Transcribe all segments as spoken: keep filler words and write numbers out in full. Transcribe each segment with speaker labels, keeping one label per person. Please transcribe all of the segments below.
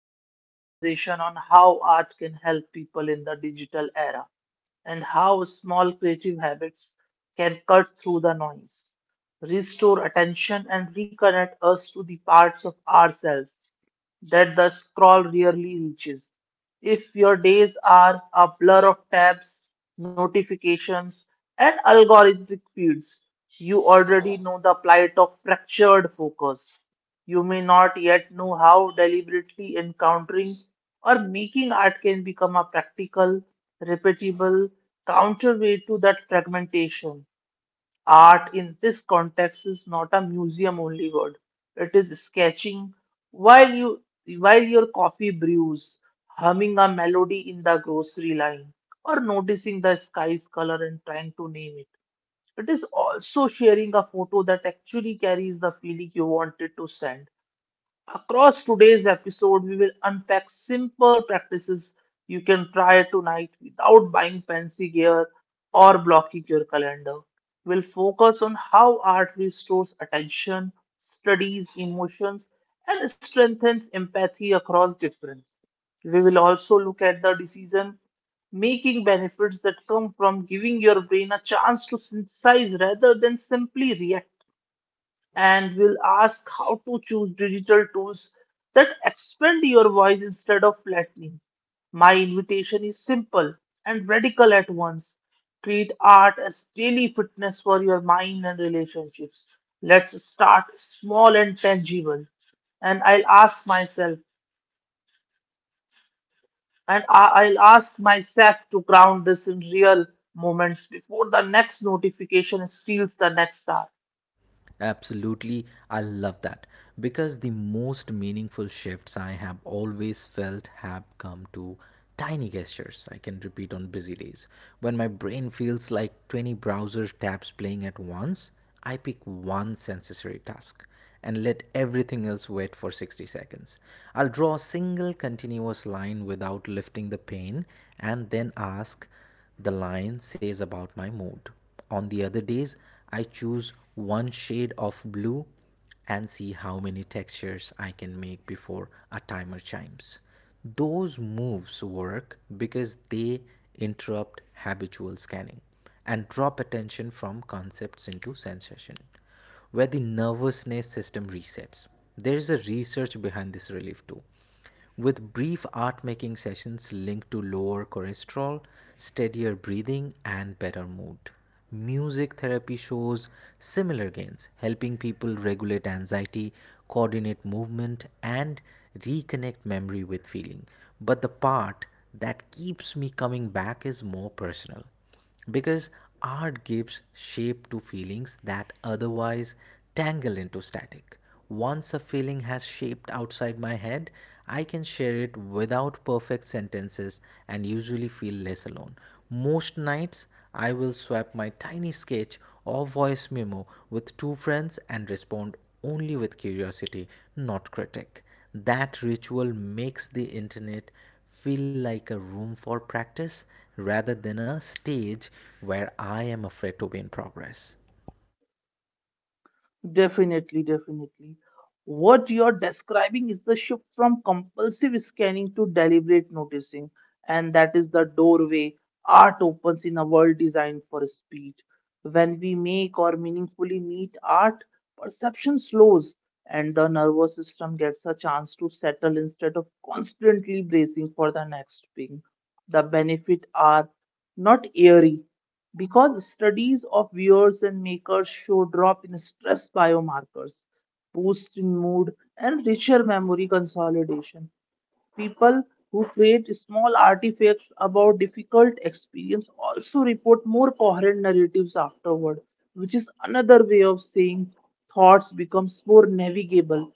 Speaker 1: to our conversation on how art can help people in the digital era, and how small creative habits can cut through the noise, restore attention, and reconnect us to the parts of ourselves that the scroll rarely reaches. If your days are a blur of tabs, notifications, and algorithmic feeds, you already know the plight of fractured focus. You may not yet know how deliberately encountering or making art can become a practical, repeatable counterweight to that fragmentation. Art in this context is not a museum only word. It is sketching while you while your coffee brews, humming a melody in the grocery line, or noticing the sky's color and trying to name it. It is also sharing a photo that actually carries the feeling you wanted to send. Across today's episode, we will unpack simple practices you can try tonight without buying fancy gear or blocking your calendar. We'll focus on how art restores attention, studies emotions, and strengthens empathy across difference. We will also look at the decision making benefits that come from giving your brain a chance to synthesize rather than simply react, and will ask how to choose digital tools that expand your voice instead of flattening. My invitation is simple and radical at once. Treat art as daily fitness for your mind and relationships. Let's start small and tangible. And I'll ask myself, and I- I'll ask myself to ground this in real moments before the next notification steals the next hour.
Speaker 2: Absolutely, I love that because the most meaningful shifts I have always felt have come to tiny gestures I can repeat on busy days. When my brain feels like twenty browser tabs playing at once, I pick one sensory task and let everything else wait for sixty seconds. I'll draw a single continuous line without lifting the pen and then ask, the line says about my mood. On the other days, I choose one shade of blue and see how many textures I can make before a timer chimes. Those moves work because they interrupt habitual scanning and drop attention from concepts into sensation, where the nervousness system resets. There is a research behind this relief too with brief art making sessions linked to lower cholesterol, steadier breathing, and better mood. Music therapy shows similar gains, helping people regulate anxiety, coordinate movement, and reconnect memory with feeling. But the part that keeps me coming back is more personal because art gives shape to feelings that otherwise tangle into static. Once a feeling has shaped outside my head, I can share it without perfect sentences and usually feel less alone. Most nights, I will swap my tiny sketch or voice memo with two friends and respond only with curiosity, not critic. That ritual makes the internet feel like a room for practice rather than a stage where I am afraid to be in progress.
Speaker 1: Definitely, definitely. What you're describing is the shift from compulsive scanning to deliberate noticing, and that is the doorway art opens in a world designed for speed. When we make or meaningfully meet art, perception slows and the nervous system gets a chance to settle instead of constantly bracing for the next ping. The benefits are not airy, because studies of viewers and makers show drop in stress biomarkers, boost in mood, and richer memory consolidation. People who create small artifacts about difficult experience also report more coherent narratives afterward, which is another way of saying thoughts becomes more navigable.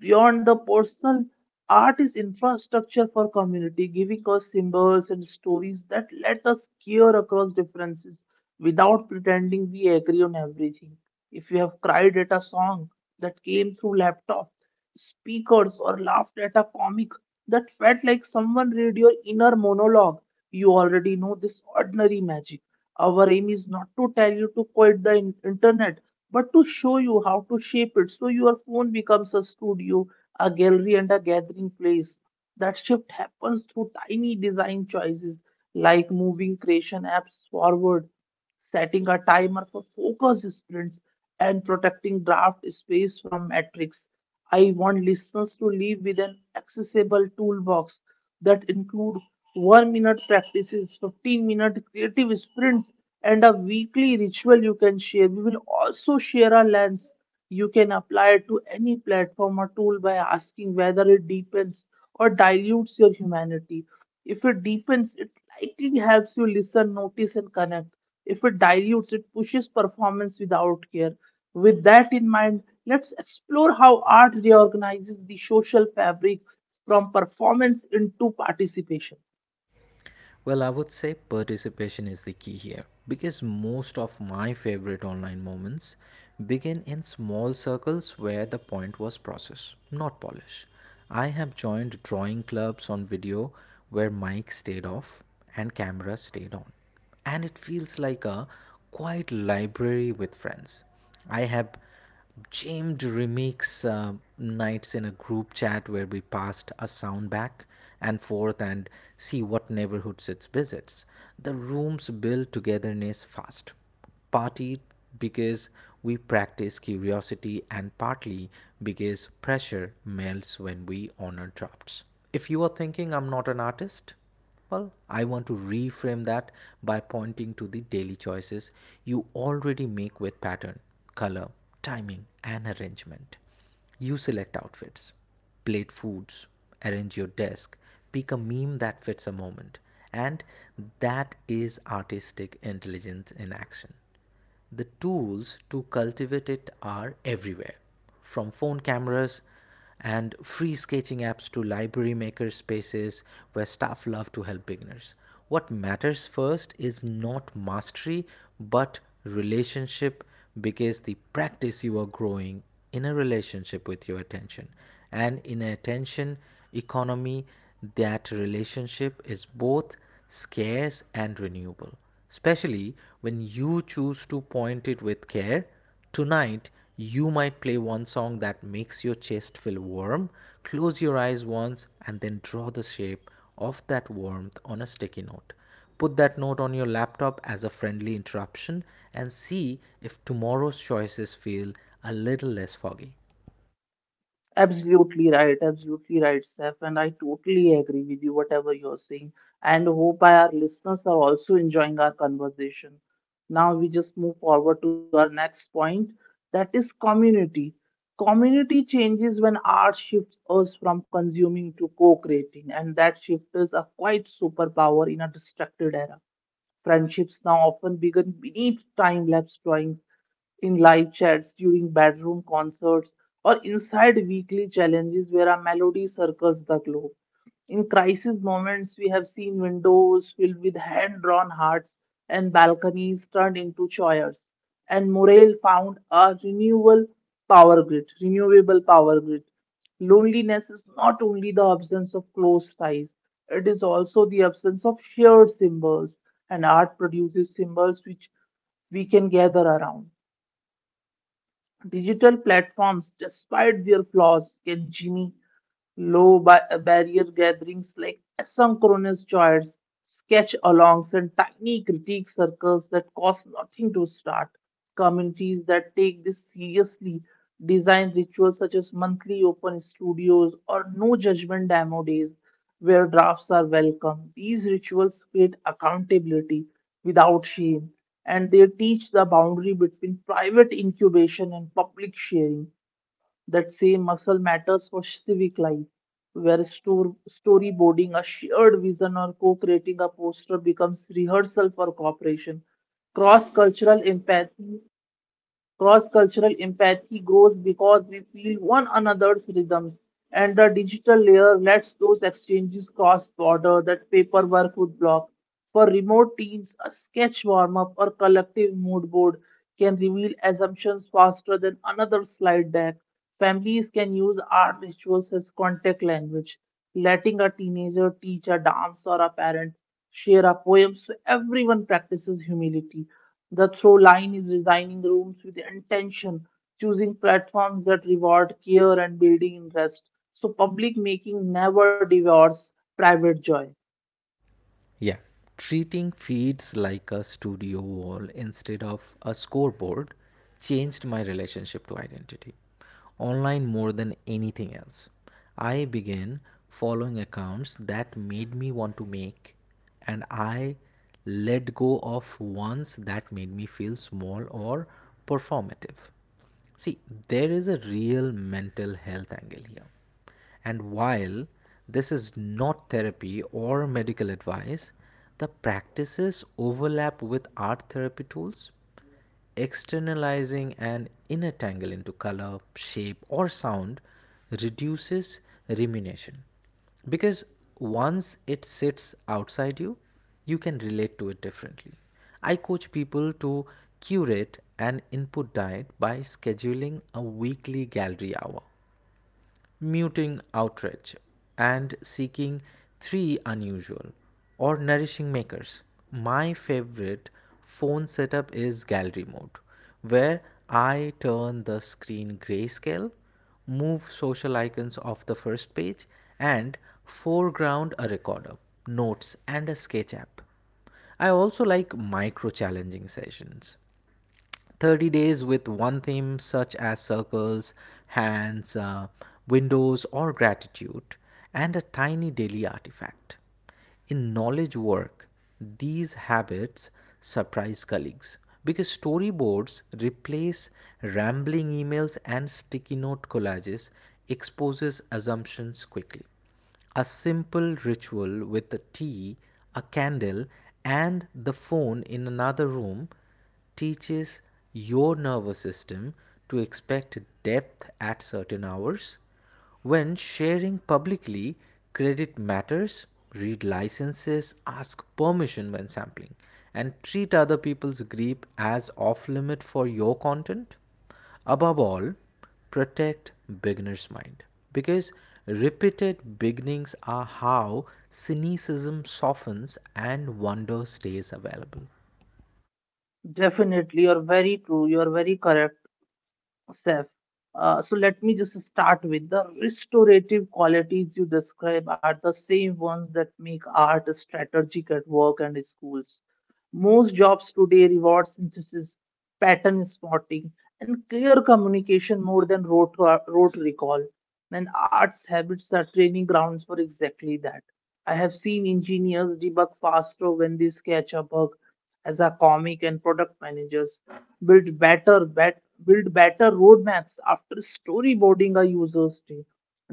Speaker 1: Beyond the personal, art is infrastructure for community, giving us symbols and stories that let us care across differences without pretending we agree on everything. If you have cried at a song that came through laptop speakers, or laughed at a comic that felt like someone read your inner monologue, you already know this ordinary magic. Our aim is not to tell you to quit the in- internet, but to show you how to shape it so your phone becomes a studio, a gallery, and a gathering place. That shift happens through tiny design choices like moving creation apps forward, setting a timer for focus sprints, and protecting draft space from metrics. I want listeners to live with an accessible toolbox that include one minute practices, fifteen minute creative sprints, and a weekly ritual you can share. We will also share a lens you can apply to any platform or tool by asking whether it deepens or dilutes your humanity. If it deepens, it likely helps you listen, notice, and connect. If it dilutes, it pushes performance without care. With that in mind, let's explore how art reorganizes the social fabric from performance into participation.
Speaker 2: Well, I would say participation is the key here because most of my favorite online moments begin in small circles where the point was process, not polish. I have joined drawing clubs on video where mic stayed off and camera stayed on and it feels like a quiet library with friends. I have Jamed remakes uh, nights in a group chat where we passed a sound back and forth and see what neighborhoods it visits. The rooms build togetherness fast. Partly because we practice curiosity and partly because pressure melts when we honor drafts. If you are thinking I'm not an artist, well, I want to reframe that by pointing to the daily choices you already make with pattern, color, timing, and arrangement. You select outfits, plate foods, arrange your desk, pick a meme that fits a moment, and that is artistic intelligence in action. The tools to cultivate it are everywhere, from phone cameras and free sketching apps to library maker spaces where staff love to help beginners. What matters first is not mastery but relationship, because the practice you are growing in a relationship with your attention, and in an attention economy, that relationship is both scarce and renewable, especially when you choose to point it with care. Tonight, you might play one song that makes your chest feel warm, close your eyes once, and then draw the shape of that warmth on a sticky note. Put that note on your laptop as a friendly interruption and see if tomorrow's choices feel a little less foggy.
Speaker 1: Absolutely right, absolutely right, Steph, and I totally agree with you, whatever you're saying, and hope our listeners are also enjoying our conversation. Now we just move forward to our next point, that is community. Community changes when art shifts us from consuming to co-creating, and that shift is a quite superpower in a distracted era. Friendships now often begin beneath time-lapse drawings in live chats, during bedroom concerts, or inside weekly challenges where a melody circles the globe. In crisis moments, we have seen windows filled with hand drawn hearts and balconies turned into choirs. And Morel found a renewable power grid, renewable power grid. Loneliness is not only the absence of close ties, it is also the absence of shared symbols, and art produces symbols which we can gather around. Digital platforms, despite their flaws, can Jimmy low ba- uh, barrier gatherings like asynchronous chats, sketch alongs, and tiny critique circles that cost nothing to start. Communities that take this seriously design rituals such as monthly open studios or no judgment demo days where drafts are welcome. These rituals create accountability without shame, and they teach the boundary between private incubation and public sharing. That same muscle matters for civic life, where stor- storyboarding a shared vision or co creating a poster becomes rehearsal for cooperation. Cross cultural empathy Cross-cultural empathy grows because we feel one another's rhythms, and the digital layer lets those exchanges cross-border that paperwork would block. For remote teams, a sketch warm-up or collective mood board can reveal assumptions faster than another slide deck. Families can use art rituals as contact language, letting a teenager teach a dance or a parent share our poems so everyone practices humility. The throw line is designing rooms with intention, choosing platforms that reward care and building interest, so public making never devours private joy.
Speaker 2: Yeah. Treating feeds like a studio wall instead of a scoreboard changed my relationship to identity. Online more than anything else. I began following accounts that made me want to make, and I let go of ones that made me feel small or performative. See, there is a real mental health angle here. And while this is not therapy or medical advice, the practices overlap with art therapy tools. Externalizing an inner tangle into color, shape, or sound reduces rumination. Because once it sits outside you, you can relate to it differently. I coach people to curate an input diet by scheduling a weekly gallery hour, muting outrage, and seeking three unusual or nourishing makers. My favorite phone setup is gallery mode, where I turn the screen grayscale, move social icons off the first page, and foreground a recorder, notes, and a sketch app. I also like micro challenging sessions, thirty days with one theme such as circles, hands, uh, windows, or gratitude, and a tiny daily artifact. In knowledge work, these habits surprise colleagues because storyboards replace rambling emails and sticky note collages exposes assumptions quickly. A simple ritual with a tea, a candle, and the phone in another room teaches your nervous system to expect depth at certain hours. When sharing publicly, credit matters. Read licenses, ask permission when sampling, and treat other people's gripe as off limit for your content. Above all, protect beginner's mind because repeated beginnings are how cynicism softens and wonder stays available.
Speaker 1: Definitely, you're very true. You're very correct, Seth. Uh, so let me just start with the restorative qualities you describe are the same ones that make art strategic at work and schools. Most jobs today reward synthesis, pattern spotting, and clear communication more than rote, rote recall. And arts habits are training grounds for exactly that. I have seen engineers debug faster when they sketch a bug as a comic, and product managers build better bet, build better roadmaps after storyboarding a user's day.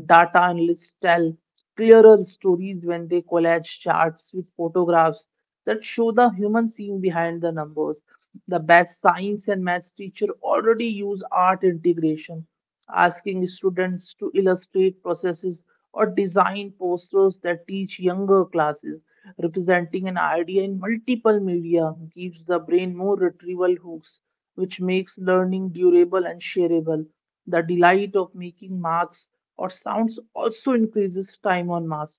Speaker 1: Data analysts tell clearer stories when they collage charts with photographs that show the human scene behind the numbers. The best science and math teacher already use art integration, asking students to illustrate processes or design posters that teach younger classes. Representing an idea in multiple media gives the brain more retrieval hooks, which makes learning durable and shareable. The delight of making marks or sounds also increases time on math,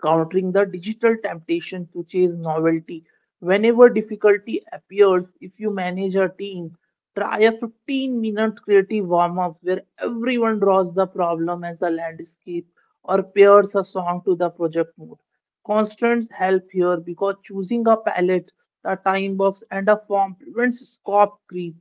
Speaker 1: countering the digital temptation to chase novelty whenever difficulty appears. If you manage a team, try a fifteen minute creative warm up where everyone draws the problem as a landscape or pairs a song to the project mood. Constants help here because choosing a palette, a time box, and a form prevents scope creep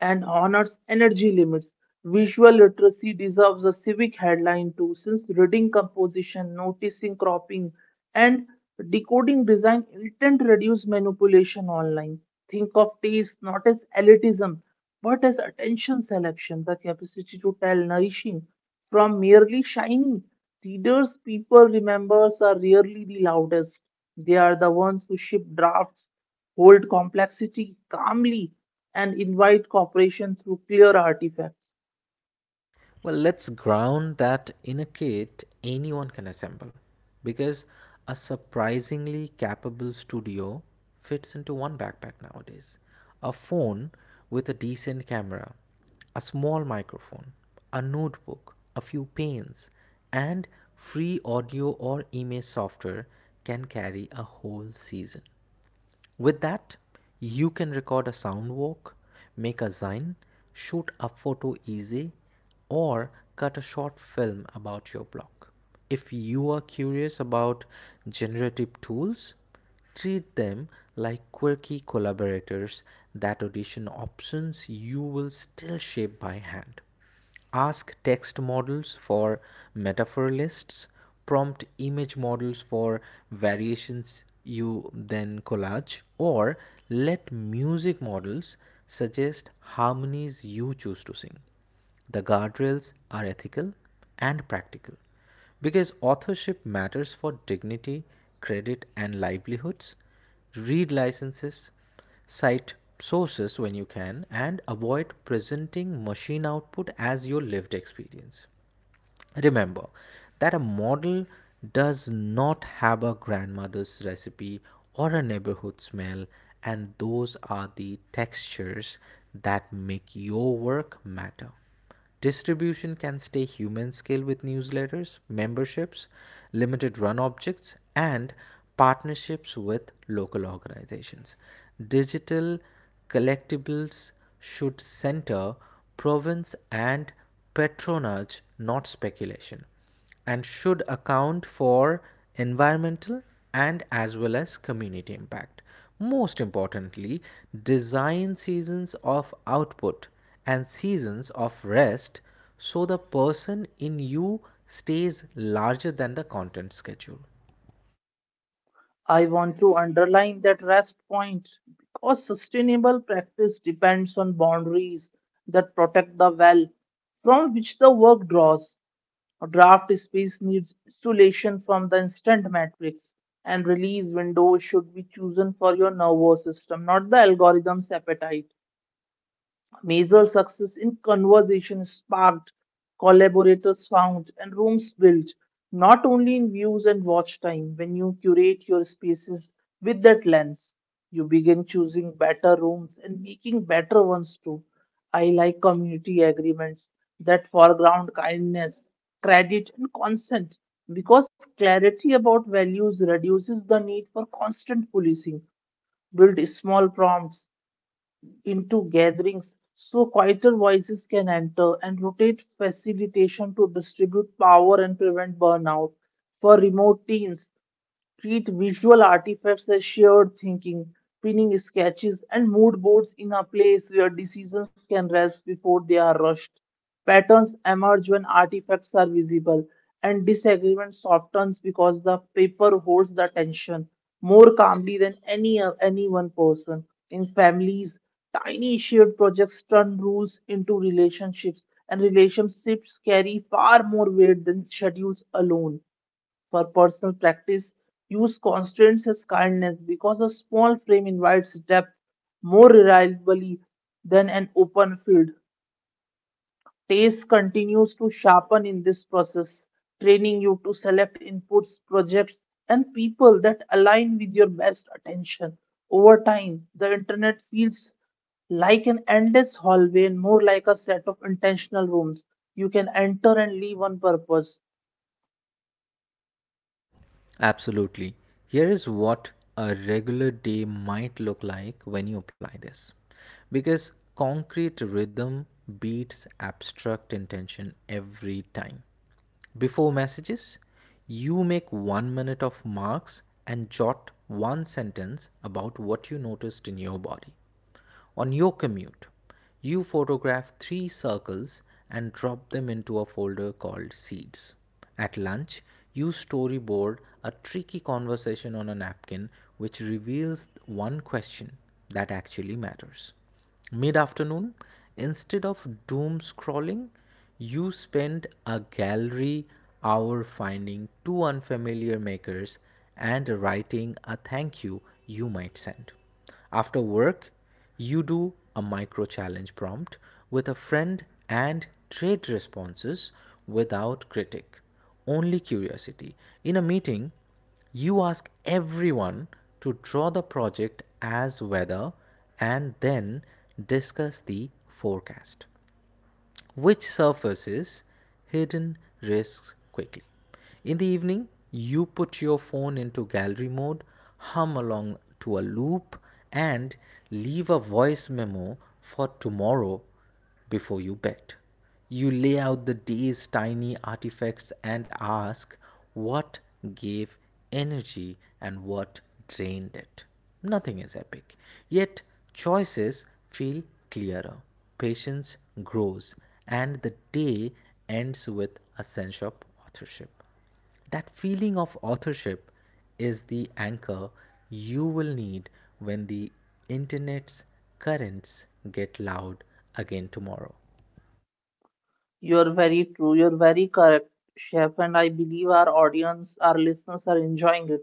Speaker 1: and honors energy limits. Visual literacy deserves a civic headline too, since reading composition, noticing cropping, and decoding design intent reduce manipulation online. Think of taste not as elitism, but as attention selection, the capacity to tell nourishing from merely shiny. Readers people remembers are rarely the loudest. They are the ones who ship drafts, hold complexity calmly, and invite cooperation through clear artifacts.
Speaker 2: Well, let's ground that in a kit anyone can assemble because a surprisingly capable studio fits into one backpack nowadays. A phone with a decent camera, a small microphone, a notebook, a few pens, and free audio or image software can carry a whole season. With that, you can record a sound walk, make a zine, shoot a photo easy, or cut a short film about your blog. If you are curious about generative tools, treat them like quirky collaborators that audition options you will still shape by hand. Ask text models for metaphor lists, prompt image models for variations you then collage, or let music models suggest harmonies you choose to sing. The guardrails are ethical and practical because authorship matters for dignity, credit, and livelihoods. Read licenses. Cite sources when you can and avoid presenting machine output as your lived experience. Remember that a model does not have a grandmother's recipe or a neighborhood smell, and those are the textures that make your work matter. Distribution can stay human scale with newsletters, memberships, limited run objects, and partnerships with local organizations. Digital collectibles should center province and patronage, not speculation, and should account for environmental and as well as community impact. Most importantly, design seasons of output and seasons of rest so the person in you stays larger than the content schedule.
Speaker 1: I want to underline that rest point because sustainable practice depends on boundaries that protect the well from which the work draws. A draft space needs insulation from the instant matrix, and release windows should be chosen for your nervous system, not the algorithm's appetite. Major success in conversation sparked, collaborators found, and rooms built, not only in views and watch time. When you curate your spaces with that lens, you begin choosing better rooms and making better ones too. I like community agreements that foreground kindness, credit, and consent because clarity about values reduces the need for constant policing. Build small prompts into gatherings so quieter voices can enter, and rotate facilitation to distribute power and prevent burnout. For remote teams, treat visual artifacts as shared thinking, pinning sketches and mood boards in a place where decisions can rest before they are rushed. Patterns emerge when artifacts are visible, and disagreement softens because the paper holds the tension more calmly than any any one person. In families, tiny shared projects turn rules into relationships, and relationships carry far more weight than schedules alone. For personal practice, use constraints as kindness because a small frame invites depth more reliably than an open field. Taste continues to sharpen in this process, training you to select inputs, projects, and people that align with your best attention. Over time, the internet feels like an endless hallway and more like a set of intentional rooms you can enter and leave on purpose.
Speaker 2: Absolutely. Here is what a regular day might look like when you apply this. Because concrete rhythm beats abstract intention every time. Before messages, you make one minute of marks and jot one sentence about what you noticed in your body. On your commute, you photograph three circles and drop them into a folder called Seeds. At lunch, you storyboard a tricky conversation on a napkin, which reveals one question that actually matters. Mid afternoon, instead of doom scrolling, you spend a gallery hour finding two unfamiliar makers and writing a thank you you might send. After work, you do a micro challenge prompt with a friend and trade responses without critic, only curiosity. In a meeting, you ask everyone to draw the project as weather and then discuss the forecast, which surfaces hidden risks quickly. In the evening, you put your phone into gallery mode, hum along to a loop, and leave a voice memo for tomorrow before you bed. You lay out the day's tiny artifacts and ask what gave energy and what drained it. Nothing is epic, yet choices feel clearer, patience grows, and the day ends with a sense of authorship. That feeling of authorship is the anchor you will need when the internet's currents get loud again tomorrow.
Speaker 1: You're very true. You're very correct, Chef. And I believe our audience, our listeners are enjoying it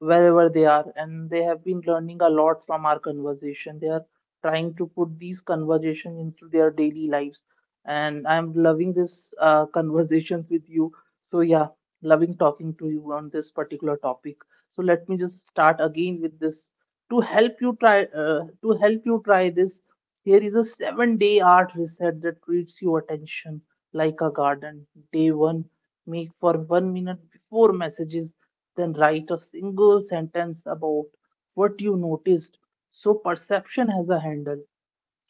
Speaker 1: wherever they are. And they have been learning a lot from our conversation. They are trying to put these conversations into their daily lives. And I'm loving this uh, conversations with you. So yeah, loving talking to you on this particular topic. So let me just start again with this to help you try, uh, to help you try this. Here is a seven day art reset that treats your attention like a garden. Day one, make for one minute before messages, then write a single sentence about what you noticed, so perception has a handle.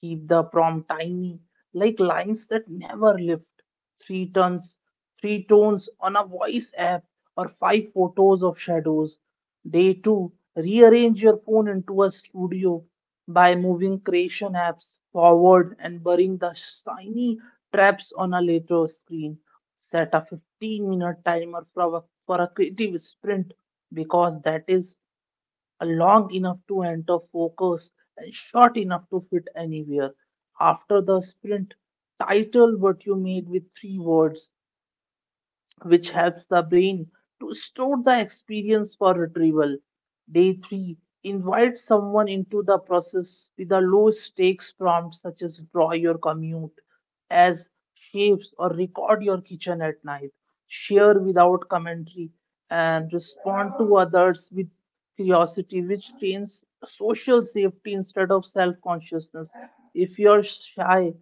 Speaker 1: Keep the prompt tiny, like lines that never lift. Three tons, three tones on a voice app, or five photos of shadows. Day two, rearrange your phone into a studio by moving creation apps forward and burying the shiny traps on a later screen. Set a fifteen minute timer for a, for a creative sprint because that is a long enough to enter focus and short enough to fit anywhere. After the sprint, title what you made with three words, which helps the brain to store the experience for retrieval. Day three, invite someone into the process with a low stakes prompt such as draw your commute as shapes or record your kitchen at night. Share without commentary and respond to others with curiosity, which trains social safety instead of self consciousness. If you're shy,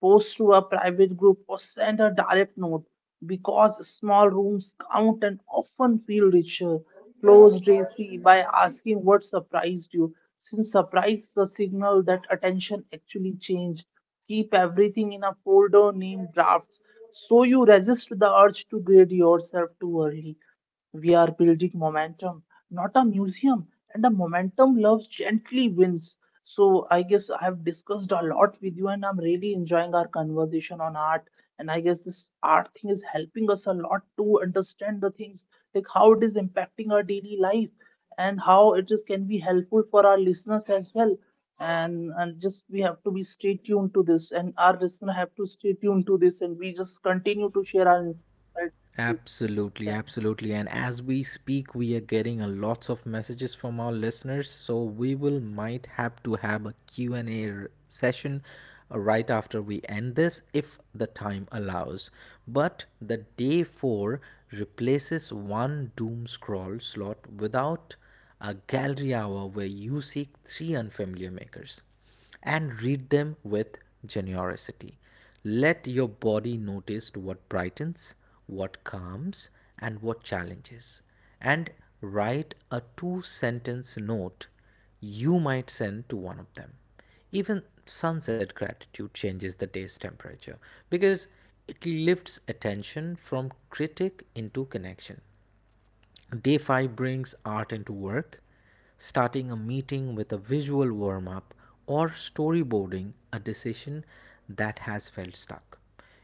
Speaker 1: post through a private group, or send a direct note because small rooms count and often feel richer. Close briefly by asking what surprised you, since surprise is a signal that attention actually changed. Keep everything in a folder named drafts so you resist the urge to grade yourself too early. We are building momentum, not a museum, and the momentum loves gently wins. So I guess I have discussed a lot with you, and I'm really enjoying our conversation on art. And I guess this art thing is helping us a lot to understand the things like how it is impacting our daily life and how it is can be helpful for our listeners as well. And and just we have to be stay tuned to this, and our listener have to stay tuned to this, and we just continue to share our insights with them.
Speaker 2: Absolutely, absolutely. And as we speak, we are getting a lots of messages from our listeners, so we will might have to have a Q and a r- session uh, right after we end this if the time allows. But the day four replaces one doom scroll slot without a gallery hour where you seek three unfamiliar makers and read them with generosity. Let your body notice what brightens, what calms, and what challenges. And write a two sentence note you might send to one of them. Even sunset gratitude changes the day's temperature because it lifts attention from critic into connection. Day five brings art into work, starting a meeting with a visual warm up or storyboarding a decision that has felt stuck.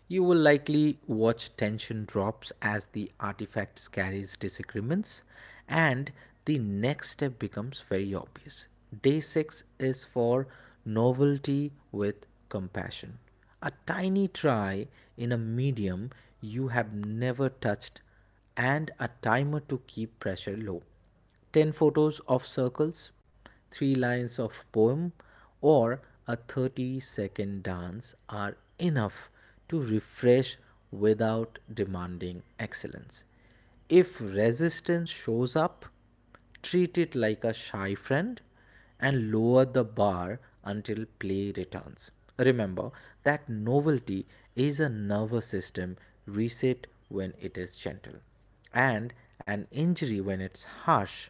Speaker 2: You will likely watch tension drops as the artifact carries disagreements and the next step becomes very obvious. Day six is for novelty with compassion. A tiny try in a medium you have never touched and a timer to keep pressure low. ten photos of circles, three lines of poem, or a thirty second dance are enough to refresh without demanding excellence. If resistance shows up, treat it like a shy friend and lower the bar until play returns. Remember that novelty is a nervous system reset when it is gentle and an injury when it's harsh.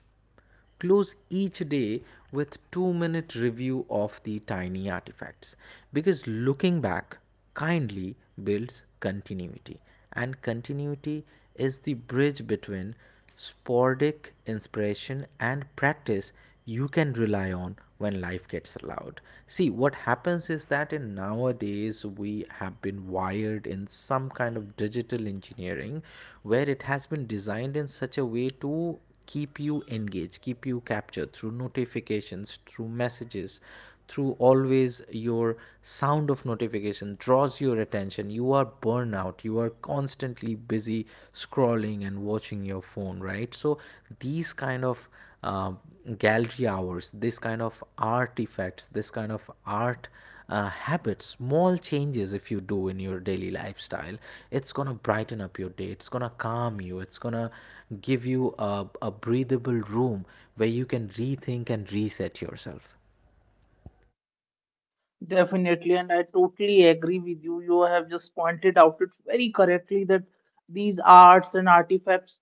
Speaker 2: Close each day with two minute review of the tiny artifacts because looking back kindly builds continuity, and continuity is the bridge between sporadic inspiration and practice you can rely on when life gets loud. See, what happens is that in nowadays we have been wired in some kind of digital engineering where it has been designed in such a way to keep you engaged, keep you captured through notifications, through messages, through always your sound of notification draws your attention. You are burnout. You are constantly busy scrolling and watching your phone, right? So these kind of um gallery hours, this kind of artifacts, this kind of art uh, habits, small changes if you do in your daily lifestyle, it's gonna brighten up your day. It's gonna calm you. It's gonna give you a, a breathable room where you can rethink and reset yourself.
Speaker 1: Definitely, and I totally agree with you. You have just pointed out it very correctly that these arts and artifacts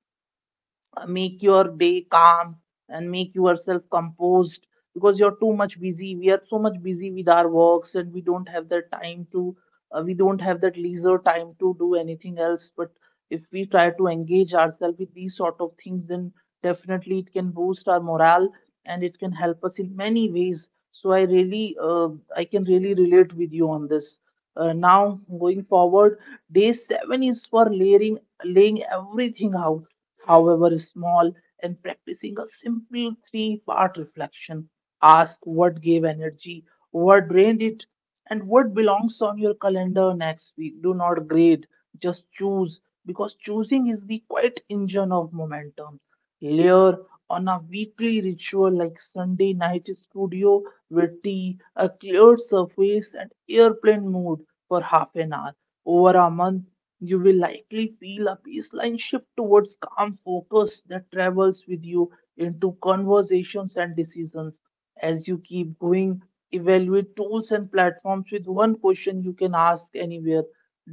Speaker 1: uh, make your day calm and make yourself composed because you're too much busy, we are so much busy with our works and we don't have the time to uh, we don't have that leisure time to do anything else, but if we try to engage ourselves with these sort of things then definitely it can boost our morale and it can help us in many ways. So I really uh, I can really relate with you on this. Uh, now going forward, day seven is for layering, laying everything out, however small, and practicing a simple three part reflection. Ask what gave energy, what drained it, and what belongs on your calendar next week. Do not grade, just choose, because choosing is the quiet engine of momentum. Layer on a weekly ritual like Sunday night studio with tea, a cleared surface, and airplane mode for half an hour. Over a month, you will likely feel a baseline shift towards calm focus that travels with you into conversations and decisions. As you keep going, evaluate tools and platforms with one question you can ask anywhere: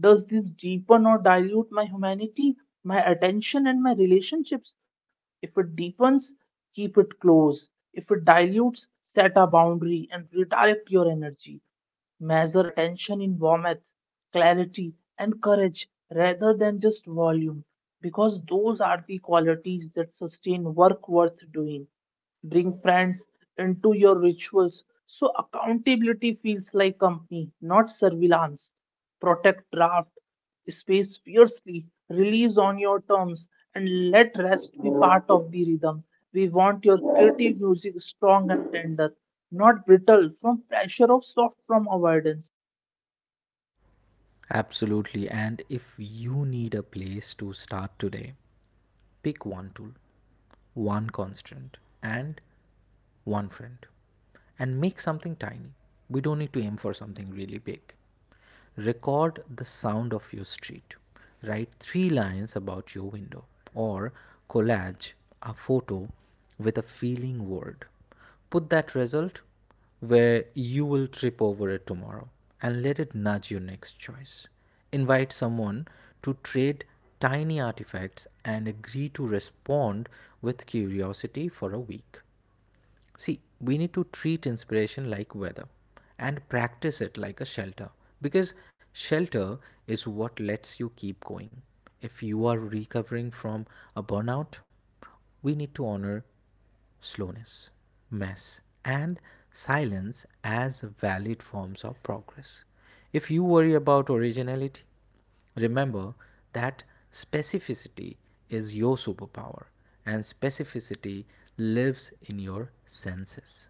Speaker 1: does this deepen or dilute my humanity, my attention, and my relationships? If it deepens, keep it close. If it dilutes, set a boundary and redirect your energy. Measure attention in warmth, clarity, and courage rather than just volume, because those are the qualities that sustain work worth doing. Bring friends into your rituals, so accountability feels like company, not surveillance. Protect draft space fiercely, release on your terms, and let rest be part of the rhythm. We want your creative music strong and tender, not brittle from pressure or soft from avoidance.
Speaker 2: Absolutely. And if you need a place to start today, pick one tool, one constant, and one friend, and make something tiny. We don't need to aim for something really big. Record the sound of your street. Write three lines about your window, or collage a photo with a feeling word. Put that result where you will trip over it tomorrow and let it nudge your next choice. Invite someone to trade tiny artifacts and agree to respond with curiosity for a week. See, we need to treat inspiration like weather and practice it like a shelter because shelter is what lets you keep going. If you are recovering from a burnout, we need to honor slowness, mess, and silence as valid forms of progress. If you worry about originality, remember that specificity is your superpower, and specificity lives in your senses.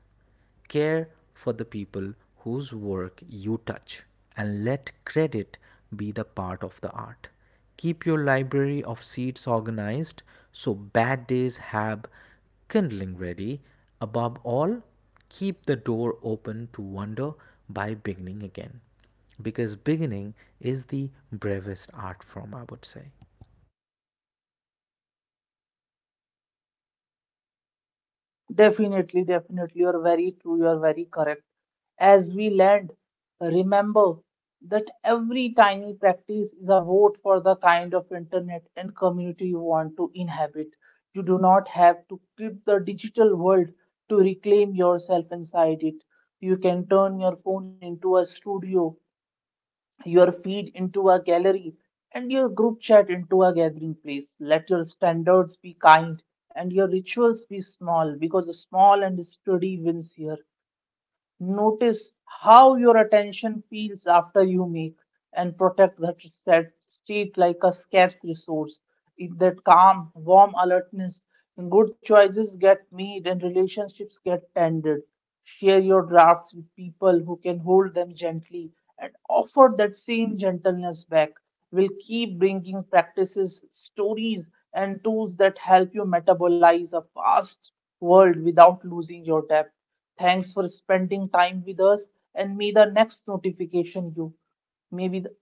Speaker 2: Care for the people whose work you touch, and let credit be the part of the art. Keep your library of seeds organized so bad days have kindling ready. Above all, keep the door open to wonder by beginning again, because beginning is the bravest art form, I would say.
Speaker 1: Definitely, definitely. You're very true. You're very correct. As we land, remember that every tiny practice is a vote for the kind of internet and community you want to inhabit. You do not have to quit the digital world to reclaim yourself inside it. You can turn your phone into a studio, your feed into a gallery, and your group chat into a gathering place. Let your standards be kind and your rituals be small because small and steady wins here. Notice how your attention feels after you make, and protect that set state like a scarce resource. If that calm, warm alertness, good choices get made and relationships get tended. Share your drafts with people who can hold them gently and offer that same gentleness back. We'll keep bringing practices, stories, and tools that help you metabolize a fast world without losing your depth. Thanks for spending time with us, and may the next notification you, maybe, the,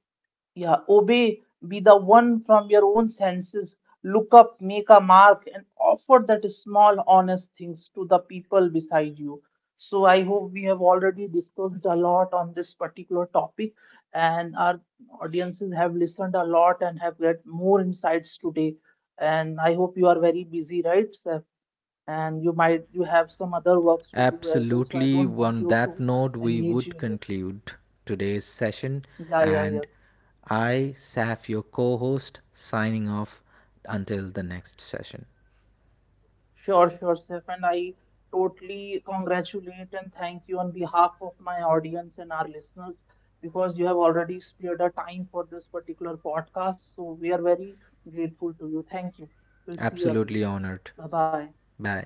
Speaker 1: yeah, obey, be the one from your own senses. Look up, make a mark, and offer that small, honest things to the people beside you. So I hope we have already discussed a lot on this particular topic, and our audiences have listened a lot and have get more insights today. And I hope you are very busy, right? So and you might you have some other works to do as well, so I
Speaker 2: Absolutely.
Speaker 1: don't want
Speaker 2: On
Speaker 1: you to
Speaker 2: that note, we
Speaker 1: engage you
Speaker 2: would
Speaker 1: here.
Speaker 2: conclude today's session.
Speaker 1: Yeah, yeah,
Speaker 2: And
Speaker 1: yeah.
Speaker 2: I, Saf, your co host, signing off until the next session.
Speaker 1: Sure, sure, Saif, and I totally congratulate and thank you on behalf of my audience and our listeners because you have already spared a time for this particular podcast, so we are very grateful to you. Thank you. We'll see you again.
Speaker 2: Absolutely honored.
Speaker 1: Bye bye.
Speaker 2: Bye.